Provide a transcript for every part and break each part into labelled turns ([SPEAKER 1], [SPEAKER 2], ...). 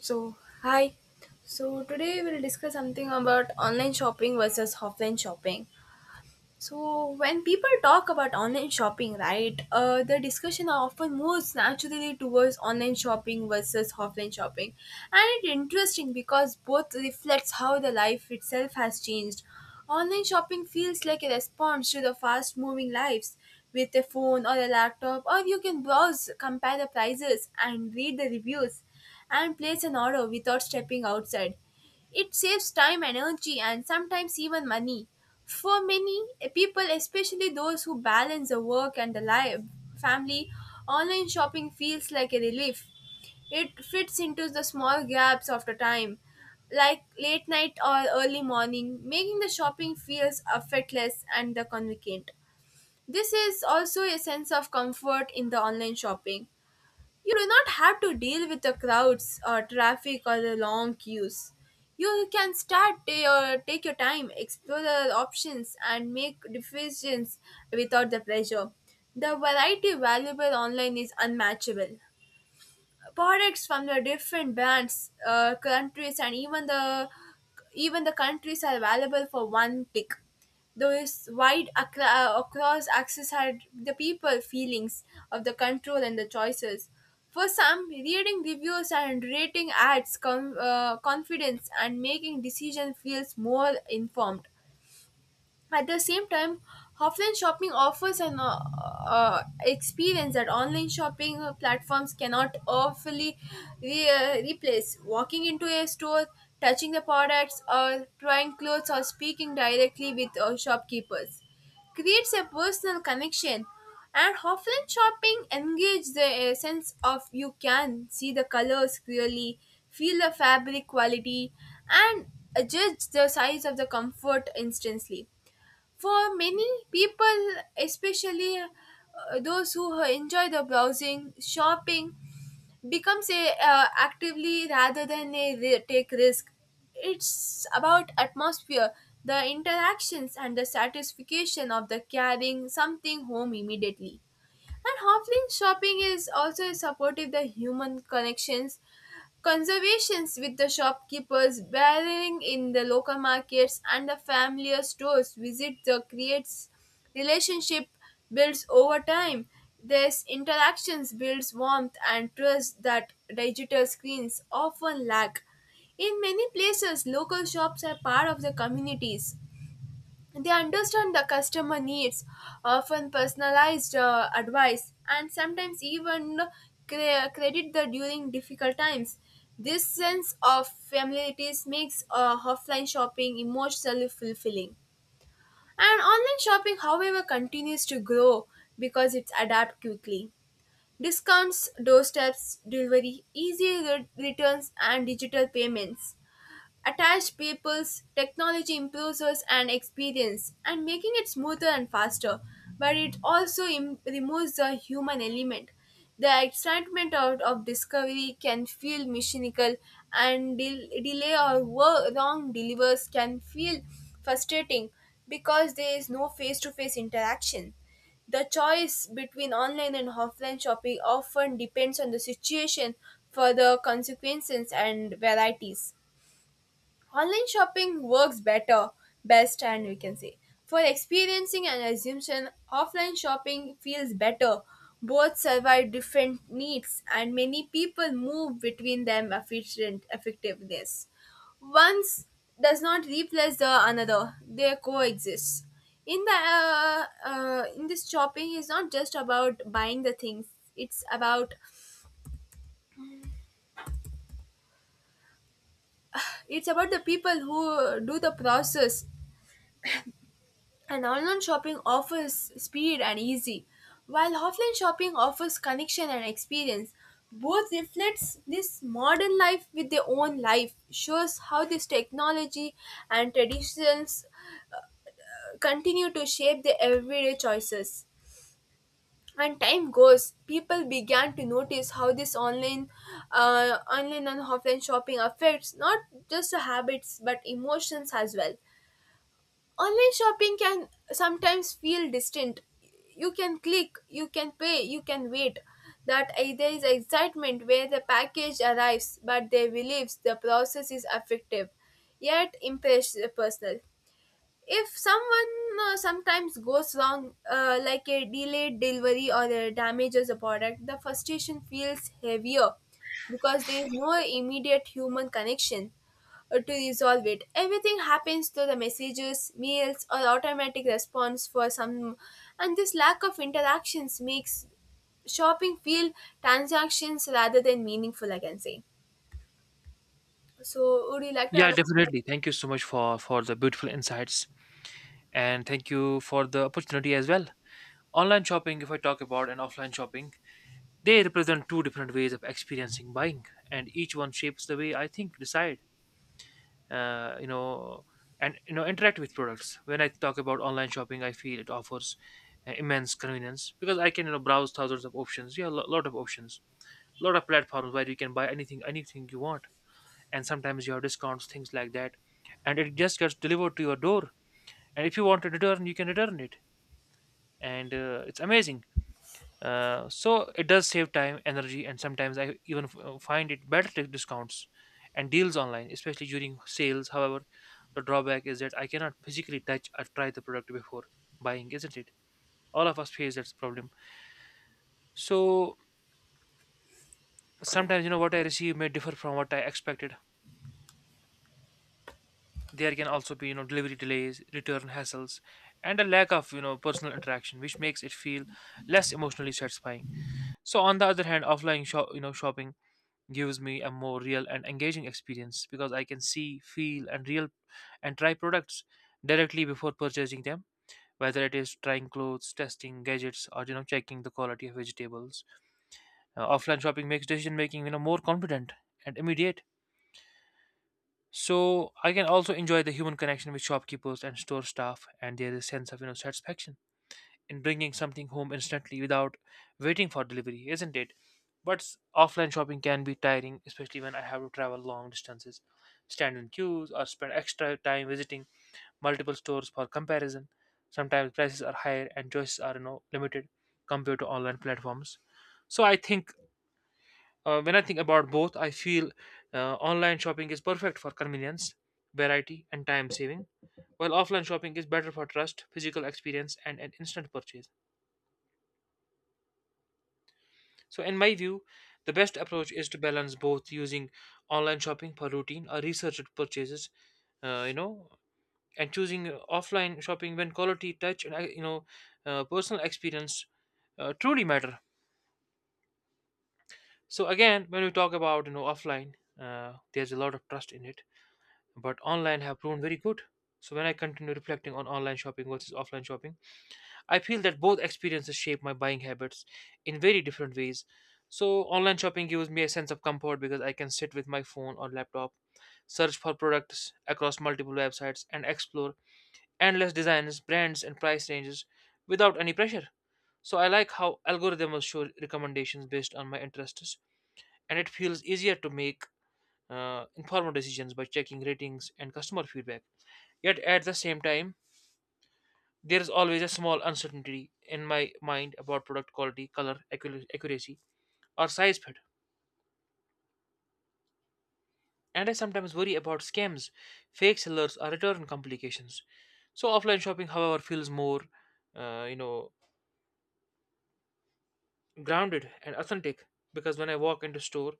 [SPEAKER 1] So, hi. So, today we'll discuss something about online shopping versus offline shopping. So, when people talk about online shopping, right, the discussion often moves naturally towards online shopping versus offline shopping. And it's interesting because both reflects how the life itself has changed. Online shopping feels like a response to the fast moving lives. With a phone or a laptop, or you can browse, compare the prices, and read the reviews and place an order without stepping outside. It saves time, energy, and sometimes even money. For many people, especially those who balance the work and the life, family, online shopping feels like a relief. It fits into the small gaps of the time, like late night or early morning, making the shopping feels effortless and the convenient. This is also a sense of comfort in the online shopping. You do not have to deal with the crowds or traffic or the long queues. You can start your, take your time, explore the options, and make decisions without the pressure. The variety available online is unmatchable products from the different brands, countries, and even the countries are available for one click. There is wide across access had the people feelings of the control and the choices. For some, reading reviews and rating ads confidence and making decision feels more informed. At the same time, offline shopping offers an experience that online shopping platforms cannot fully replace. Walking into a store, touching the products, or trying clothes, or speaking directly with shopkeepers creates a personal connection. And offline shopping engages the sense of you can see the colors clearly, feel the fabric quality, and judge the size of the comfort instantly for many people, especially those who enjoy the browsing, shopping becomes a actively rather than a take risk. It's about atmosphere, the interactions, and the satisfaction of the carrying something home immediately. And offline shopping is also supportive the human connections, conservations with the shopkeepers, bartering in the local markets and the familiar stores. Visit the creates relationship builds over time. This interactions builds warmth and trust that digital screens often lack. In many places, local shops are part of the communities they understand the customer needs, often personalized advice, and sometimes even credit the during difficult times. This sense of familiarity makes offline shopping emotionally fulfilling. And online shopping, however, continues to grow because it's adapt quickly. Discounts, doorsteps, delivery, easy returns, and digital payments attached peoples, technology improves us and experience and making it smoother and faster, but it also removes the human element. The excitement of discovery can feel mechanical, and delay or wrong delivers can feel frustrating because there is no face to face interaction. The choice between online and offline shopping often depends on the situation for the consequences and varieties. Online shopping works better, best, and we can say for experiencing an assumption, offline shopping feels better. Both survive different needs, and many people move between them efficient effectiveness. Once does not replace the another; they coexist. In this shopping is not just about buying the things. It's about it's about the people who do the process. And online shopping offers speed and easy, while offline shopping offers connection and experience. Both reflects this modern life with their own life, shows how this technology and traditions continue to shape their everyday choices. And time goes, people began to notice how this online, online and offline shopping affects not just the habits but emotions as well. Online shopping can sometimes feel distant. You can click, you can pay, you can wait. There is excitement where the package arrives, but they believes the process is effective, yet impress personal if someone sometimes goes wrong like a delayed delivery or damages a product, the frustration feels heavier because there is no immediate human connection to resolve it. Everything happens through the messages, mails, or automatic response for some, and this lack of interactions makes shopping feel transactions rather than meaningful, I can say. So would you like to
[SPEAKER 2] Yeah,
[SPEAKER 1] add?
[SPEAKER 2] definitely. Thank you so much for the beautiful insights and thank you for the opportunity as well. Online shopping, if I talk about and offline shopping, they represent two different ways of experiencing buying, and each one shapes the way I think, decide, uh, you know, interact with products. When I talk about online shopping, I feel it offers immense convenience because I can browse thousands of options. Yeah, a lot of options, lot of platforms where you can buy anything, anything you want, and sometimes you have discounts, things like that, and it just gets delivered to your door, and if you want to return you can return it, and it's amazing. So it does save time, energy, and sometimes I even find it better to discounts and deals online, especially during sales. However, the drawback is that I cannot physically touch or try the product before buying, isn't it? All of us face that problem. So sometimes, what I receive may differ from what I expected. There can also be, delivery delays, return hassles, and a lack of, personal interaction which makes it feel less emotionally satisfying. So on the other hand, offline shopping gives me a more real and engaging experience because I can see, feel, and real and try products directly before purchasing them, whether it is trying clothes, testing gadgets, or checking the quality of vegetables. Offline shopping makes decision making, more confident and immediate. So I can also enjoy the human connection with shopkeepers and store staff, and there is a sense of, satisfaction in bringing something home instantly without waiting for delivery, isn't it? But offline shopping can be tiring, especially when I have to travel long distances, stand in queues, or spend extra time visiting multiple stores for comparison. Sometimes prices are higher and choices are, limited compared to online platforms. So I think, when I think about both, I feel online shopping is perfect for convenience, variety, and time saving, while offline shopping is better for trust, physical experience, and an instant purchase. So, in my view, the best approach is to balance both, using online shopping for routine or researched purchases, uh, you know, and choosing offline shopping when quality, touch, and, personal experience truly matter. So, again, when we talk about, offline, there's a lot of trust in it, but online have proven very good. So when I continue reflecting on online shopping versus offline shopping, I feel that both experiences shape my buying habits in very different ways. So online shopping gives me a sense of comfort because I can sit with my phone or laptop, search for products across multiple websites, and explore endless designs, brands, and price ranges without any pressure. So I like how algorithms show recommendations based on my interests, and it feels easier to make informed decisions by checking ratings and customer feedback. Yet at the same time, there is always a small uncertainty in my mind about product quality, color, accuracy, or size fit. And I sometimes worry about scams, fake sellers, or return complications. So offline shopping, however, feels more, uh, you know, grounded and authentic, because when I walk into store,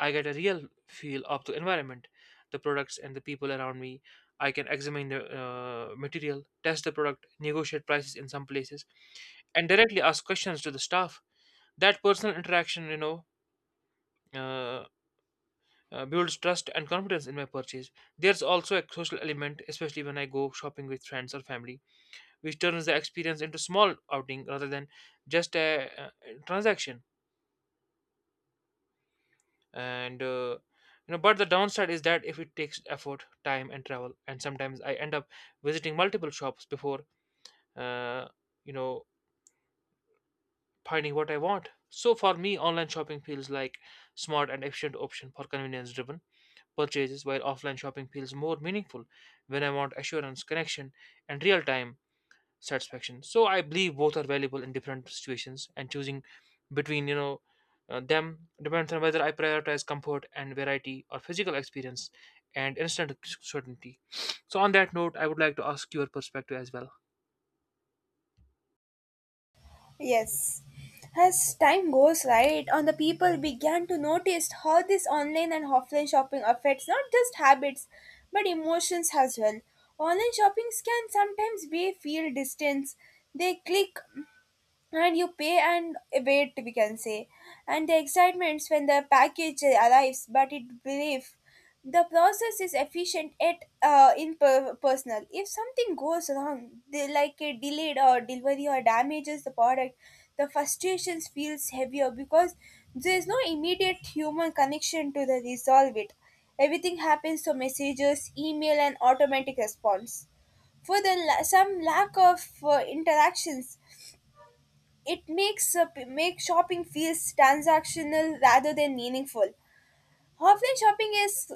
[SPEAKER 2] I get a real feel of the environment, the products, and the people around me. I can examine the material, test the product, negotiate prices in some places, and directly ask questions to the staff. That personal interaction, uh, builds trust and confidence in my purchase. There's also a social element, especially when I go shopping with friends or family, which turns the experience into small outing rather than just a, transaction. And but the downside is that if it takes effort, time, and travel, and sometimes I end up visiting multiple shops before uh, you know finding what I want. So for me, online shopping feels like smart and efficient option for convenience driven purchases, while offline shopping feels more meaningful when I want assurance, connection, and real time satisfaction. So I believe both are valuable in different situations, and choosing between, them depends on whether I prioritize comfort and variety or physical experience and instant certainty. So on that note, I would like to ask your perspective as well.
[SPEAKER 1] Yes. As time goes right on, the people began to notice how this online and offline shopping affects not just habits but emotions as well. Online shoppings can sometimes be feel distance. They click and you pay and wait, we can say. And the excitements when the package arrives but it belief the process is efficient yet impersonal. If something goes wrong they, like a delayed or delivery or damages the product, the frustrations feels heavier because there is no immediate human connection to the resolve it. Everything happens through messages, email, and automatic response for the some lack of interactions. It makes make shopping feels transactional rather than meaningful. Offline shopping is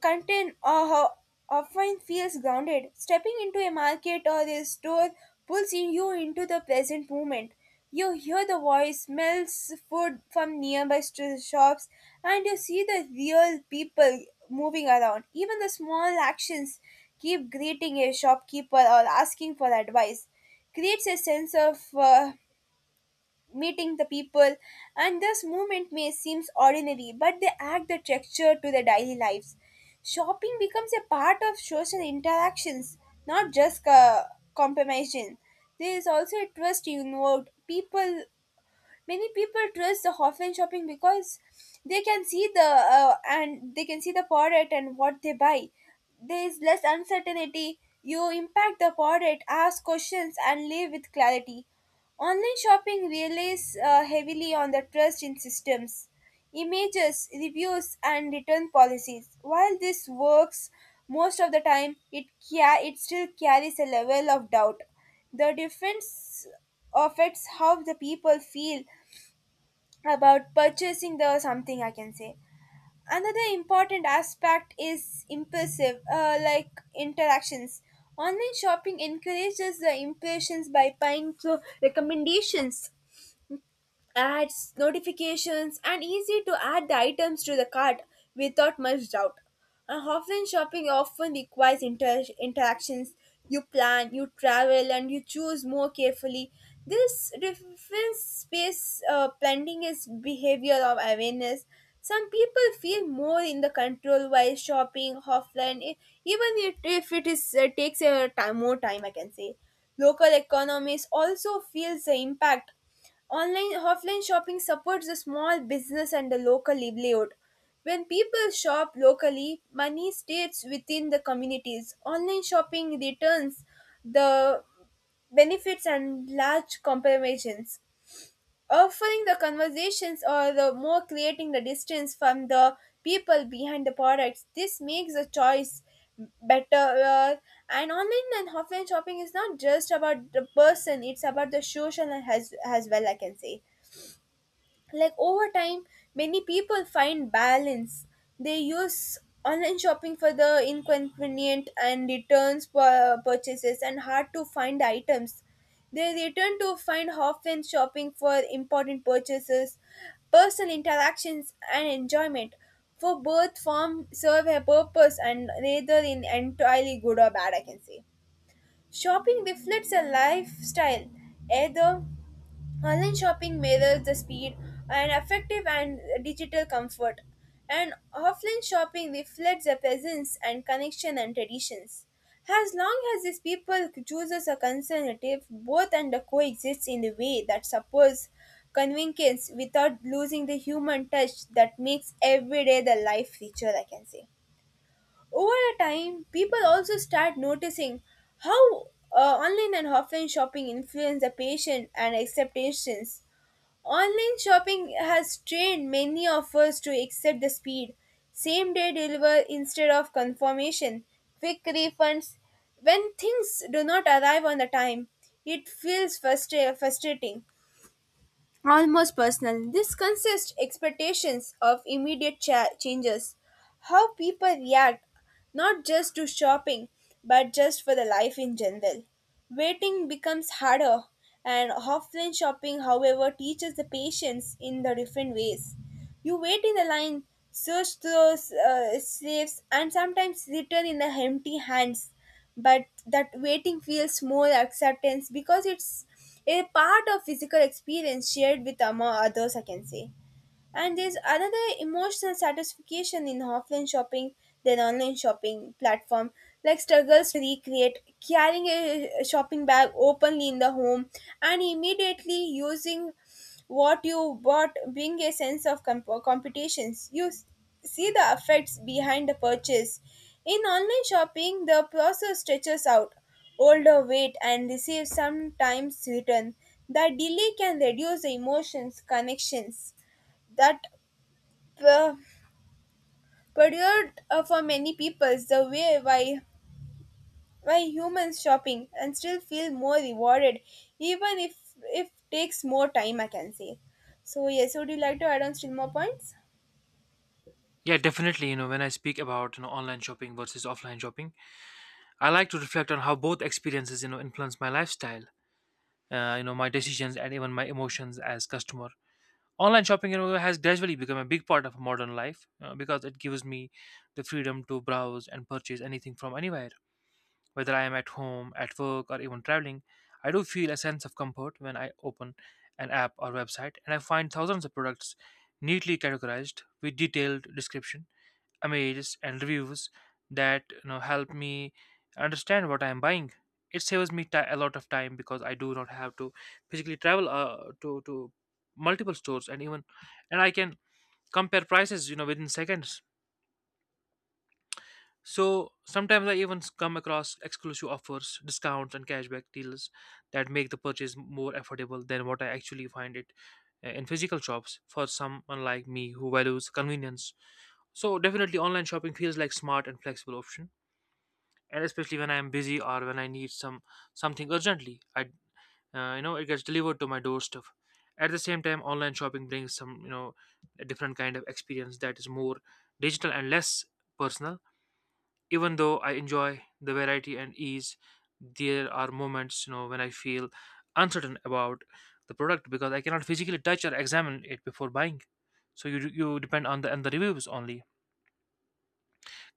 [SPEAKER 1] content often feels grounded. Stepping into a market or a store pulls in you into the present moment. You hear the voice, smells food from nearby shops, and you see the real people moving around. Even the small actions, keep greeting a shopkeeper or asking for advice, creates a sense of meeting the people, and this movement may seem ordinary, but they add the texture to their daily lives. Shopping becomes a part of social interactions, not just compromising. There is also a twist involved. People many people trust the offline shopping because they can see the product and what they buy. There is less uncertainty, you impact the product, ask questions, and live with clarity. Online shopping relies heavily on the trust in systems, images, reviews, and return policies. While this works most of the time, it it still carries a level of doubt. The difference affects how the people feel about purchasing the something, I can say. Another important aspect is impulsive like interactions. Online shopping encourages the impressions by buying through recommendations, ads, notifications, and easy to add the items to the cart without much doubt. And offline shopping often requires interactions. You plan, you travel, and you choose more carefully. This difference space planning is behavior of awareness. Some people feel more in the control while shopping offline, even if it is takes a time more time, I can say. Local economies also feels the impact. Online offline shopping supports the small business and the local livelihood. When people shop locally, money stays within the communities. Online shopping returns the benefits and large compensations offering the conversations or the more creating the distance from the people behind the products. This makes the choice better, uh, and online and offline shopping is not just about the person, it's about the social as well, I can say. Like over time many people find balance. They use online shopping for the inconvenient and returns purchases and hard to find items. They return to find often shopping for important purchases, personal interactions, and enjoyment, for both form serve a purpose and rather in entirely good or bad, I can say. Shopping reflects a lifestyle, either. Online shopping mirrors the speed and effective and digital comfort, and offline shopping reflects the presence and connection and traditions. As long as these people chooses a conservative, both and coexist in a way that supports convenience without losing the human touch that makes everyday the life richer, I can say. Over a time, people also start noticing how online and offline shopping influence the patient and expectations. Online shopping has trained many of us to accept the speed, same day deliver instead of confirmation, quick refunds. When things do not arrive on the time, it feels frustrating, almost personal. This consists expectations of immediate changes, how people react, not just to shopping, but just for the life in general. Waiting becomes harder, and offline shopping, however, teaches the patience in the different ways. You wait in the line, search those safes, and sometimes return in the empty hands. But that waiting feels more acceptance because it's a part of physical experience shared with among others, I can say. And there's another emotional satisfaction in offline shopping than online shopping platform, like struggles to recreate carrying a shopping bag openly in the home and immediately using what you bought bring a sense of competitions. See the effects behind the purchase. In online shopping, the process stretches out, older wait and receive sometimes return. The delay can reduce the emotions, connections that uh, perdured for many people the way why humans shopping and still feel more rewarded even if takes more time, I can say. So yes, would you like to add on still more points?
[SPEAKER 2] Yeah, definitely. You know, when I speak about, online shopping versus offline shopping, I like to reflect on how both experiences, influence my lifestyle, my decisions, and even my emotions as customer. Online shopping, you know, has gradually become a big part of modern life because it gives me the freedom to browse and purchase anything from anywhere, whether I am at home, at work, or even traveling. I do feel a sense of comfort when I open an app or website and I find thousands of products neatly categorized with detailed description, images, and reviews that, help me understand what I am buying. It saves me ti a lot of time because I do not have to physically travel to multiple stores, and even and I can compare prices, within seconds. So sometimes I even come across exclusive offers, discounts, and cashback deals that make the purchase more affordable than what I actually find it in physical shops for someone like me who values convenience. So definitely online shopping feels like smart and flexible option, and especially when I'm busy or when I need some something urgently. I, you know, it gets delivered to my doorstep. At the same time, online shopping brings some, a different kind of experience that is more digital and less personal. Even though I enjoy the variety and ease, there are moments, when I feel uncertain about the product because I cannot physically touch or examine it before buying. So you depend on the and the reviews only.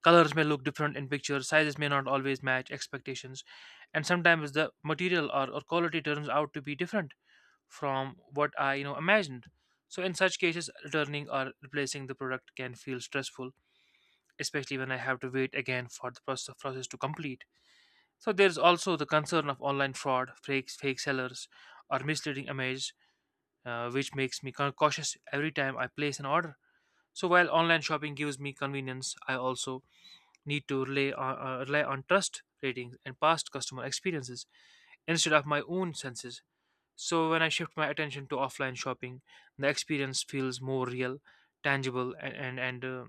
[SPEAKER 2] Colors may look different in pictures, sizes may not always match expectations, and sometimes the material or quality turns out to be different from what I, imagined. So in such cases, returning or replacing the product can feel stressful, especially when I have to wait again for the process to complete. So there's also the concern of online fraud, fakes, fake sellers, or misleading images, which makes me cautious every time I place an order. So while online shopping gives me convenience, I also need to rely on trust, ratings, and past customer experiences instead of my own senses. So when I shift my attention to offline shopping, the experience feels more real, tangible, and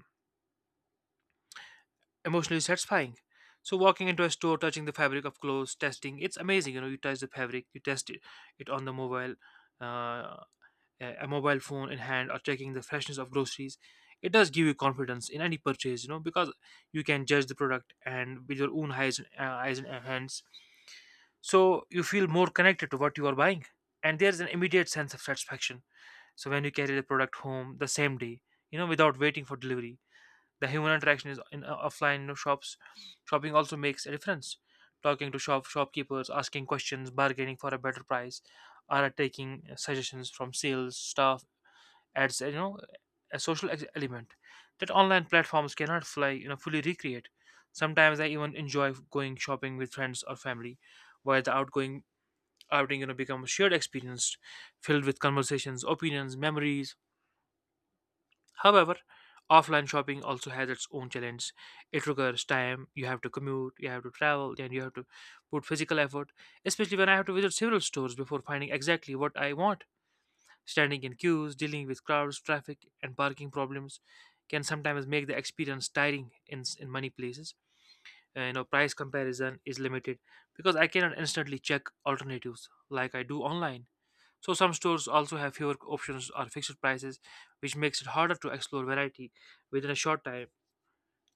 [SPEAKER 2] emotionally satisfying. So walking into a store, touching the fabric of clothes, testing—it's amazing. You know, you touch the fabric, you test it, it on the mobile, uh, a mobile phone in hand, or checking the freshness of groceries, it does give you confidence in any purchase, because you can judge the product and with your own eyes and eyes and hands. So you feel more connected to what you are buying, and there's an immediate sense of satisfaction. So when you carry the product home the same day, without waiting for delivery, the human interaction is in offline, shops, shopping also makes a difference. Talking to shopkeepers, asking questions, bargaining for a better price, or taking suggestions from sales staff adds, a social element that online platforms cannot fly, fully recreate. Sometimes I even enjoy going shopping with friends or family, where the outgoing outing, becomes a shared experience filled with conversations, opinions, memories. However, offline shopping also has its own challenge. It requires time. You have to commute, you have to travel, and you have to put physical effort, especially when I have to visit several stores before finding exactly what I want. Standing in queues, dealing with crowds, traffic, and parking problems can sometimes make the experience tiring in many places. You know, price comparison is limited because I cannot instantly check alternatives like I do online. So some stores also have fewer options or fixed prices, which makes it harder to explore variety within a short time.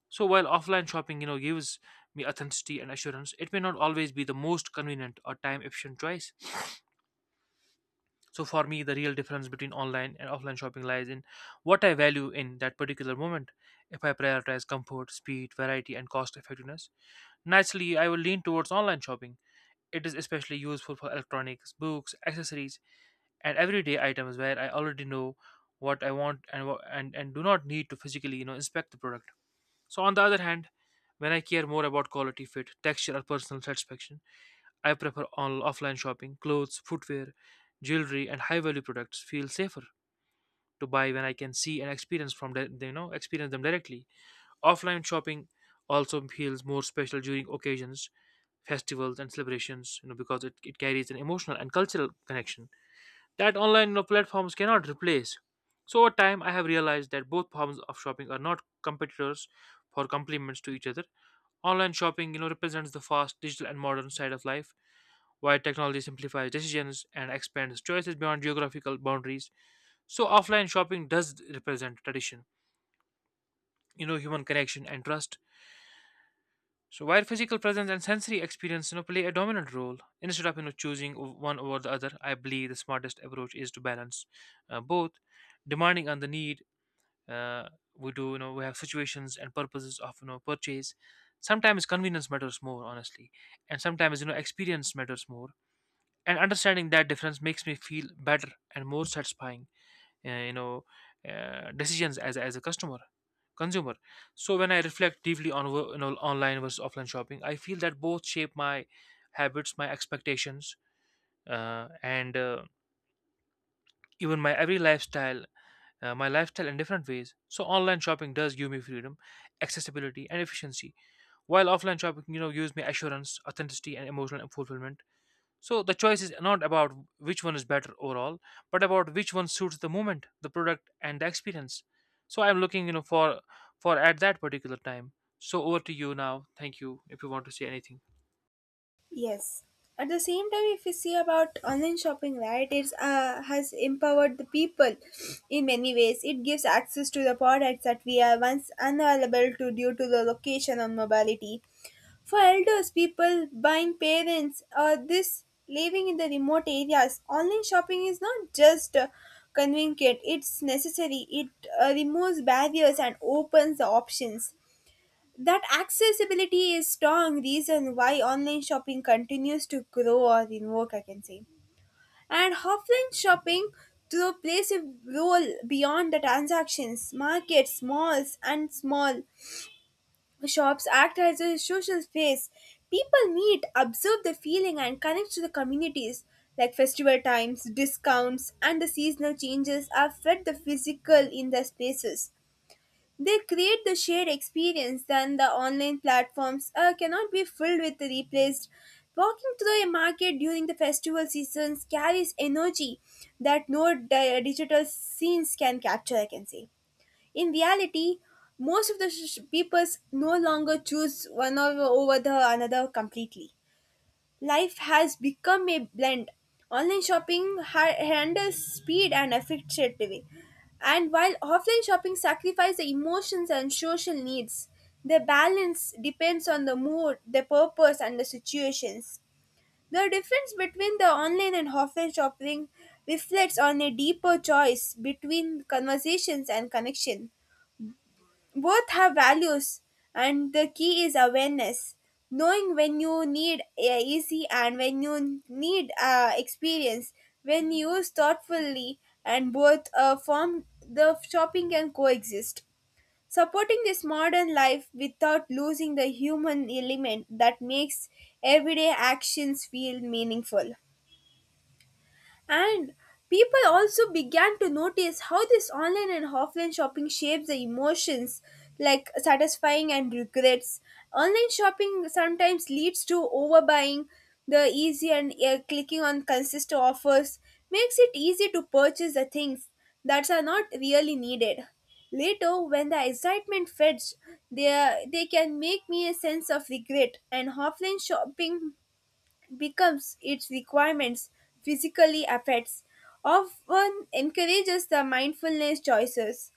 [SPEAKER 2] So while offline shopping, you know, gives me authenticity and assurance, it may not always be the most convenient or time efficient choice. So for me, the real difference between online and offline shopping lies in what I value in that particular moment. If I prioritize comfort, speed, variety, and cost effectiveness, naturally I will lean towards online shopping. It is especially useful for electronics, books, accessories, and everyday items where I already know what I want and wha- and do not need to physically inspect the product. So on the other hand, when I care more about quality, fit, texture, or personal satisfaction, I prefer on offline shopping. Clothes, footwear, jewelry, and high-value products feel safer to buy when I can see and experience from the, you know experience them directly. Offline shopping also feels more special during occasions, festivals, and celebrations, You know because it carries an emotional and cultural connection that online platforms cannot replace. So over time, I have realized that both forms of shopping are not competitors for complements to each other. Online shopping represents the fast, digital, and modern side of life while technology simplifies decisions and expands choices beyond geographical boundaries. So offline shopping does represent tradition, you know, human connection and trust. So while physical presence and sensory experience play a dominant role, instead of choosing one over the other, I believe the smartest approach is to balance both, demanding on the need. Uh, we do, we have situations and purposes of purchase. Sometimes convenience matters more, honestly, and sometimes experience matters more, and understanding that difference makes me feel better and more satisfying uh, you know decisions as a customer, consumer. So when I reflect deeply on online versus offline shopping, I feel that both shape my habits, my expectations, and even my every lifestyle my lifestyle in different ways. So online shopping does give me freedom, accessibility and efficiency, while offline shopping gives me assurance, authenticity and emotional fulfillment. So the choice is not about which one is better overall, but about which one suits the moment, the product, and the experience. So I'm looking for at that particular time. So over to you now. Thank you. If you want to say anything.
[SPEAKER 1] Yes. At the same time, if we see about online shopping, right, it has empowered the people in many ways. It gives access to the products that we are once unavailable to due to the location or mobility. For elders, people, buying parents, or this living in the remote areas, online shopping is not just convenient, it's necessary. It removes barriers and opens the options. That accessibility is strong reason why online shopping continues to grow or invoke, I can say. And offline shopping through plays a role beyond the transactions, markets, malls, and small shops act as a social space. People meet, observe the feeling, and connect to the communities. Like festival times, discounts, and the seasonal changes are fed the physical in the spaces. They create the shared experience than the online platforms cannot be filled with the replaced. Walking through a market during the festival seasons carries energy that no digital scenes can capture, I can say. In reality, most of the peoples no longer choose one or over the another completely. Life has become a blend. Online shopping handles speed and effectivity, and while offline shopping sacrifices the emotions and social needs, the balance depends on the mood, the purpose, and the situations. The difference between the online and offline shopping reflects on a deeper choice between conversations and connection. Both have values, and the key is awareness. Knowing when you need easy and when you need experience. When used thoughtfully and both form, the shopping can coexist. Supporting this modern life without losing the human element that makes everyday actions feel meaningful. And people also began to notice how this online and offline shopping shapes the emotions like satisfying and regrets. Online shopping sometimes leads to overbuying, the easy and clicking on consistent offers makes it easy to purchase the things that are not really needed. Later, when the excitement fades, they can make me a sense of regret, and offline shopping becomes its requirements physically affects often encourages the mindfulness choices,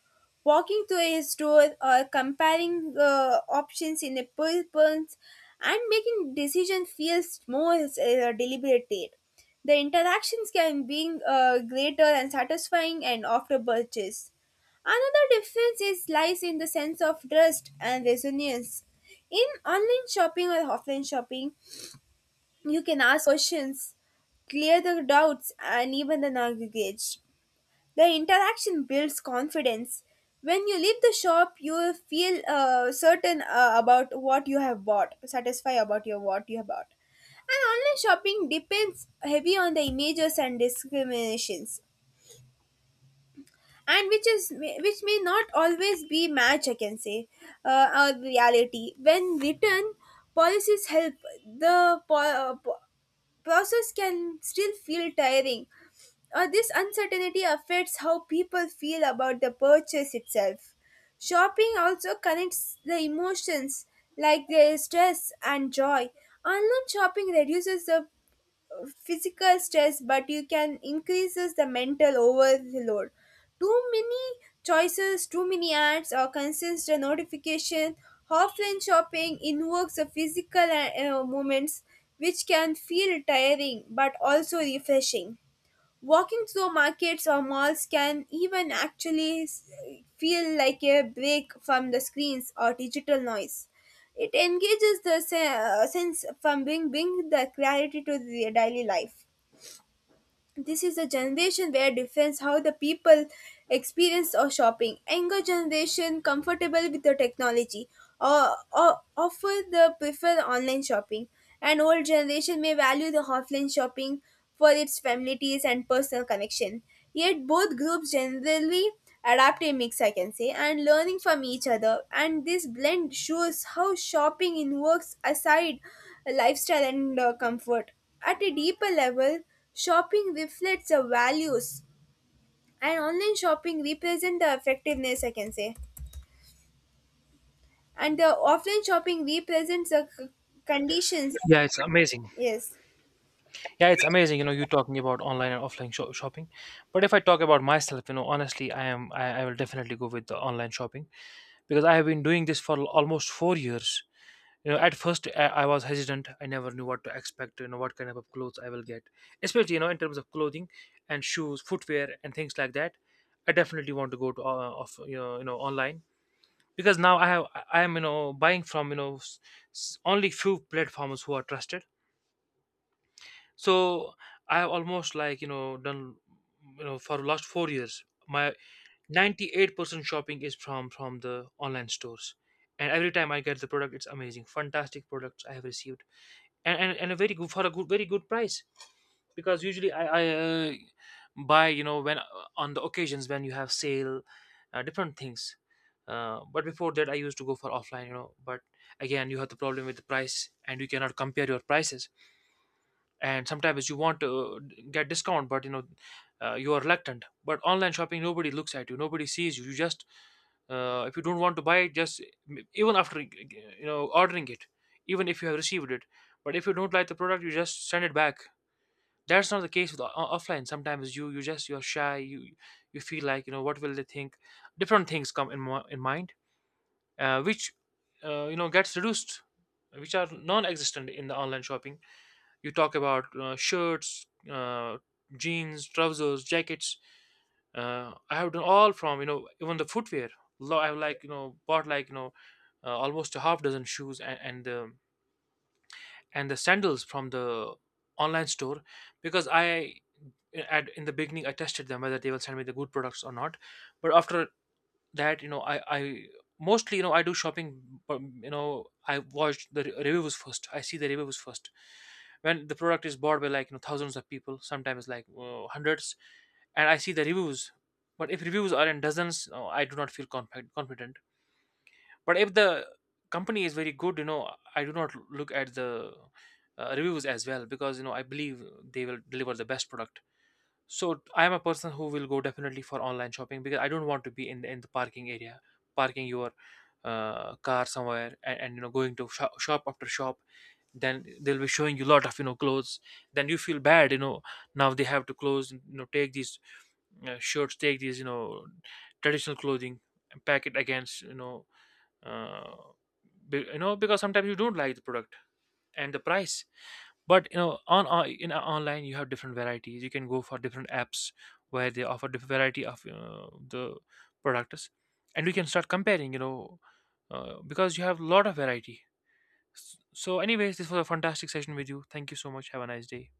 [SPEAKER 1] walking to a store or comparing options in a purpose and making decision feels more deliberated. The interactions can be greater and satisfying and after purchase. Another difference is lies in the sense of trust and resonance. In online shopping or offline shopping, you can ask questions, clear the doubts, and even the naggage. The interaction builds confidence. When you leave the shop, you will feel certain about what you have bought, satisfied about your what you have bought. And online shopping depends heavy on the images and discriminations, and which is which may not always be match. I can say, our reality. When written policies help the process can still feel tiring or this uncertainty affects how people feel about the purchase itself. Shopping also connects the emotions like their stress and joy. Online shopping reduces the physical stress but you can increases the mental overload, too many choices, too many ads or consistent notification. Offline shopping invokes the physical moments which can feel tiring but also refreshing. Walking through markets or malls can even actually feel like a break from the screens or digital noise. It engages the sense from being the clarity to the daily life. This is a generation where defines how the people experience or shopping. Younger generation comfortable with the technology or offer the prefer online shopping. And old generation may value the offline shopping for its families and personal connection. Yet both groups generally adapt a mix, I can say, and learning from each other. And this blend shows how shopping invokes aside lifestyle and comfort. At a deeper level, shopping reflects the values, and online shopping represents the effectiveness, I can say. And the offline shopping represents the conditions.
[SPEAKER 2] Yeah, it's amazing.
[SPEAKER 1] Yes.
[SPEAKER 2] Yeah, it's amazing. You know, you talking about online and offline shopping, but if I talk about myself, you know, honestly, I will definitely go with the online shopping because I have been doing this for almost 4 years. You know, at first I was hesitant. I never knew what to expect, you know, what kind of clothes I will get, especially, you know, in terms of clothing and shoes, footwear and things like that. I definitely want to go to of you know online, because now I am you know buying from, you know, only few platforms who are trusted. So I have almost like, you know, done, you know, for last 4 years my 98% shopping is from the online stores. And every time I get the product, it's amazing, fantastic products I have received, and a very good for a good very good price, because usually I buy, you know, when on the occasions when you have sale, different things. But before that I used to go for offline, you know. But again, you have the problem with the price and you cannot compare your prices, and sometimes you want to get discount, but you are reluctant. But online shopping, nobody looks at you, nobody sees you, you just if you don't want to buy it, just even after, you know, ordering it, even if you have received it, but if you don't like the product, you just send it back. That's not the case with offline. Sometimes you just you're shy, you feel like, you know, what will they think. Different things come in, in mind, which you know, gets reduced, which are non-existent in the online shopping. You talk about shirts, jeans, trousers, jackets, I have done all from, you know, even the footwear. I've like, you know, bought like, you know, almost a half dozen shoes and, the sandals from the online store, because I eh, at in the beginning I tested them whether they will send me the good products or not. But after that, you know, I do shopping. You know, I watch the reviews first, I see the reviews first when the product is bought by like, you know, thousands of people, sometimes like hundreds, and I see the reviews. But if reviews are in dozens, I do not feel confident. But if the company is very good, you know, I do not look at the reviews as well, because, you know, I believe they will deliver the best product. So I am a person who will go definitely for online shopping because I don't want to be in the parking area, parking your car somewhere, and you know, going to shop after shop. Then they'll be showing you a lot of, you know, clothes. Then you feel bad, you know. Now they have to close, you know, take these shirts, take these, you know, traditional clothing, and pack it against, you know, uh, because sometimes you don't like the product and the price. But, you know, on in online you have different varieties, you can go for different apps where they offer different variety of the products, and we can start comparing, you know, because you have a lot of variety. So anyways, this was a fantastic session with you. Thank you so much. Have a nice day.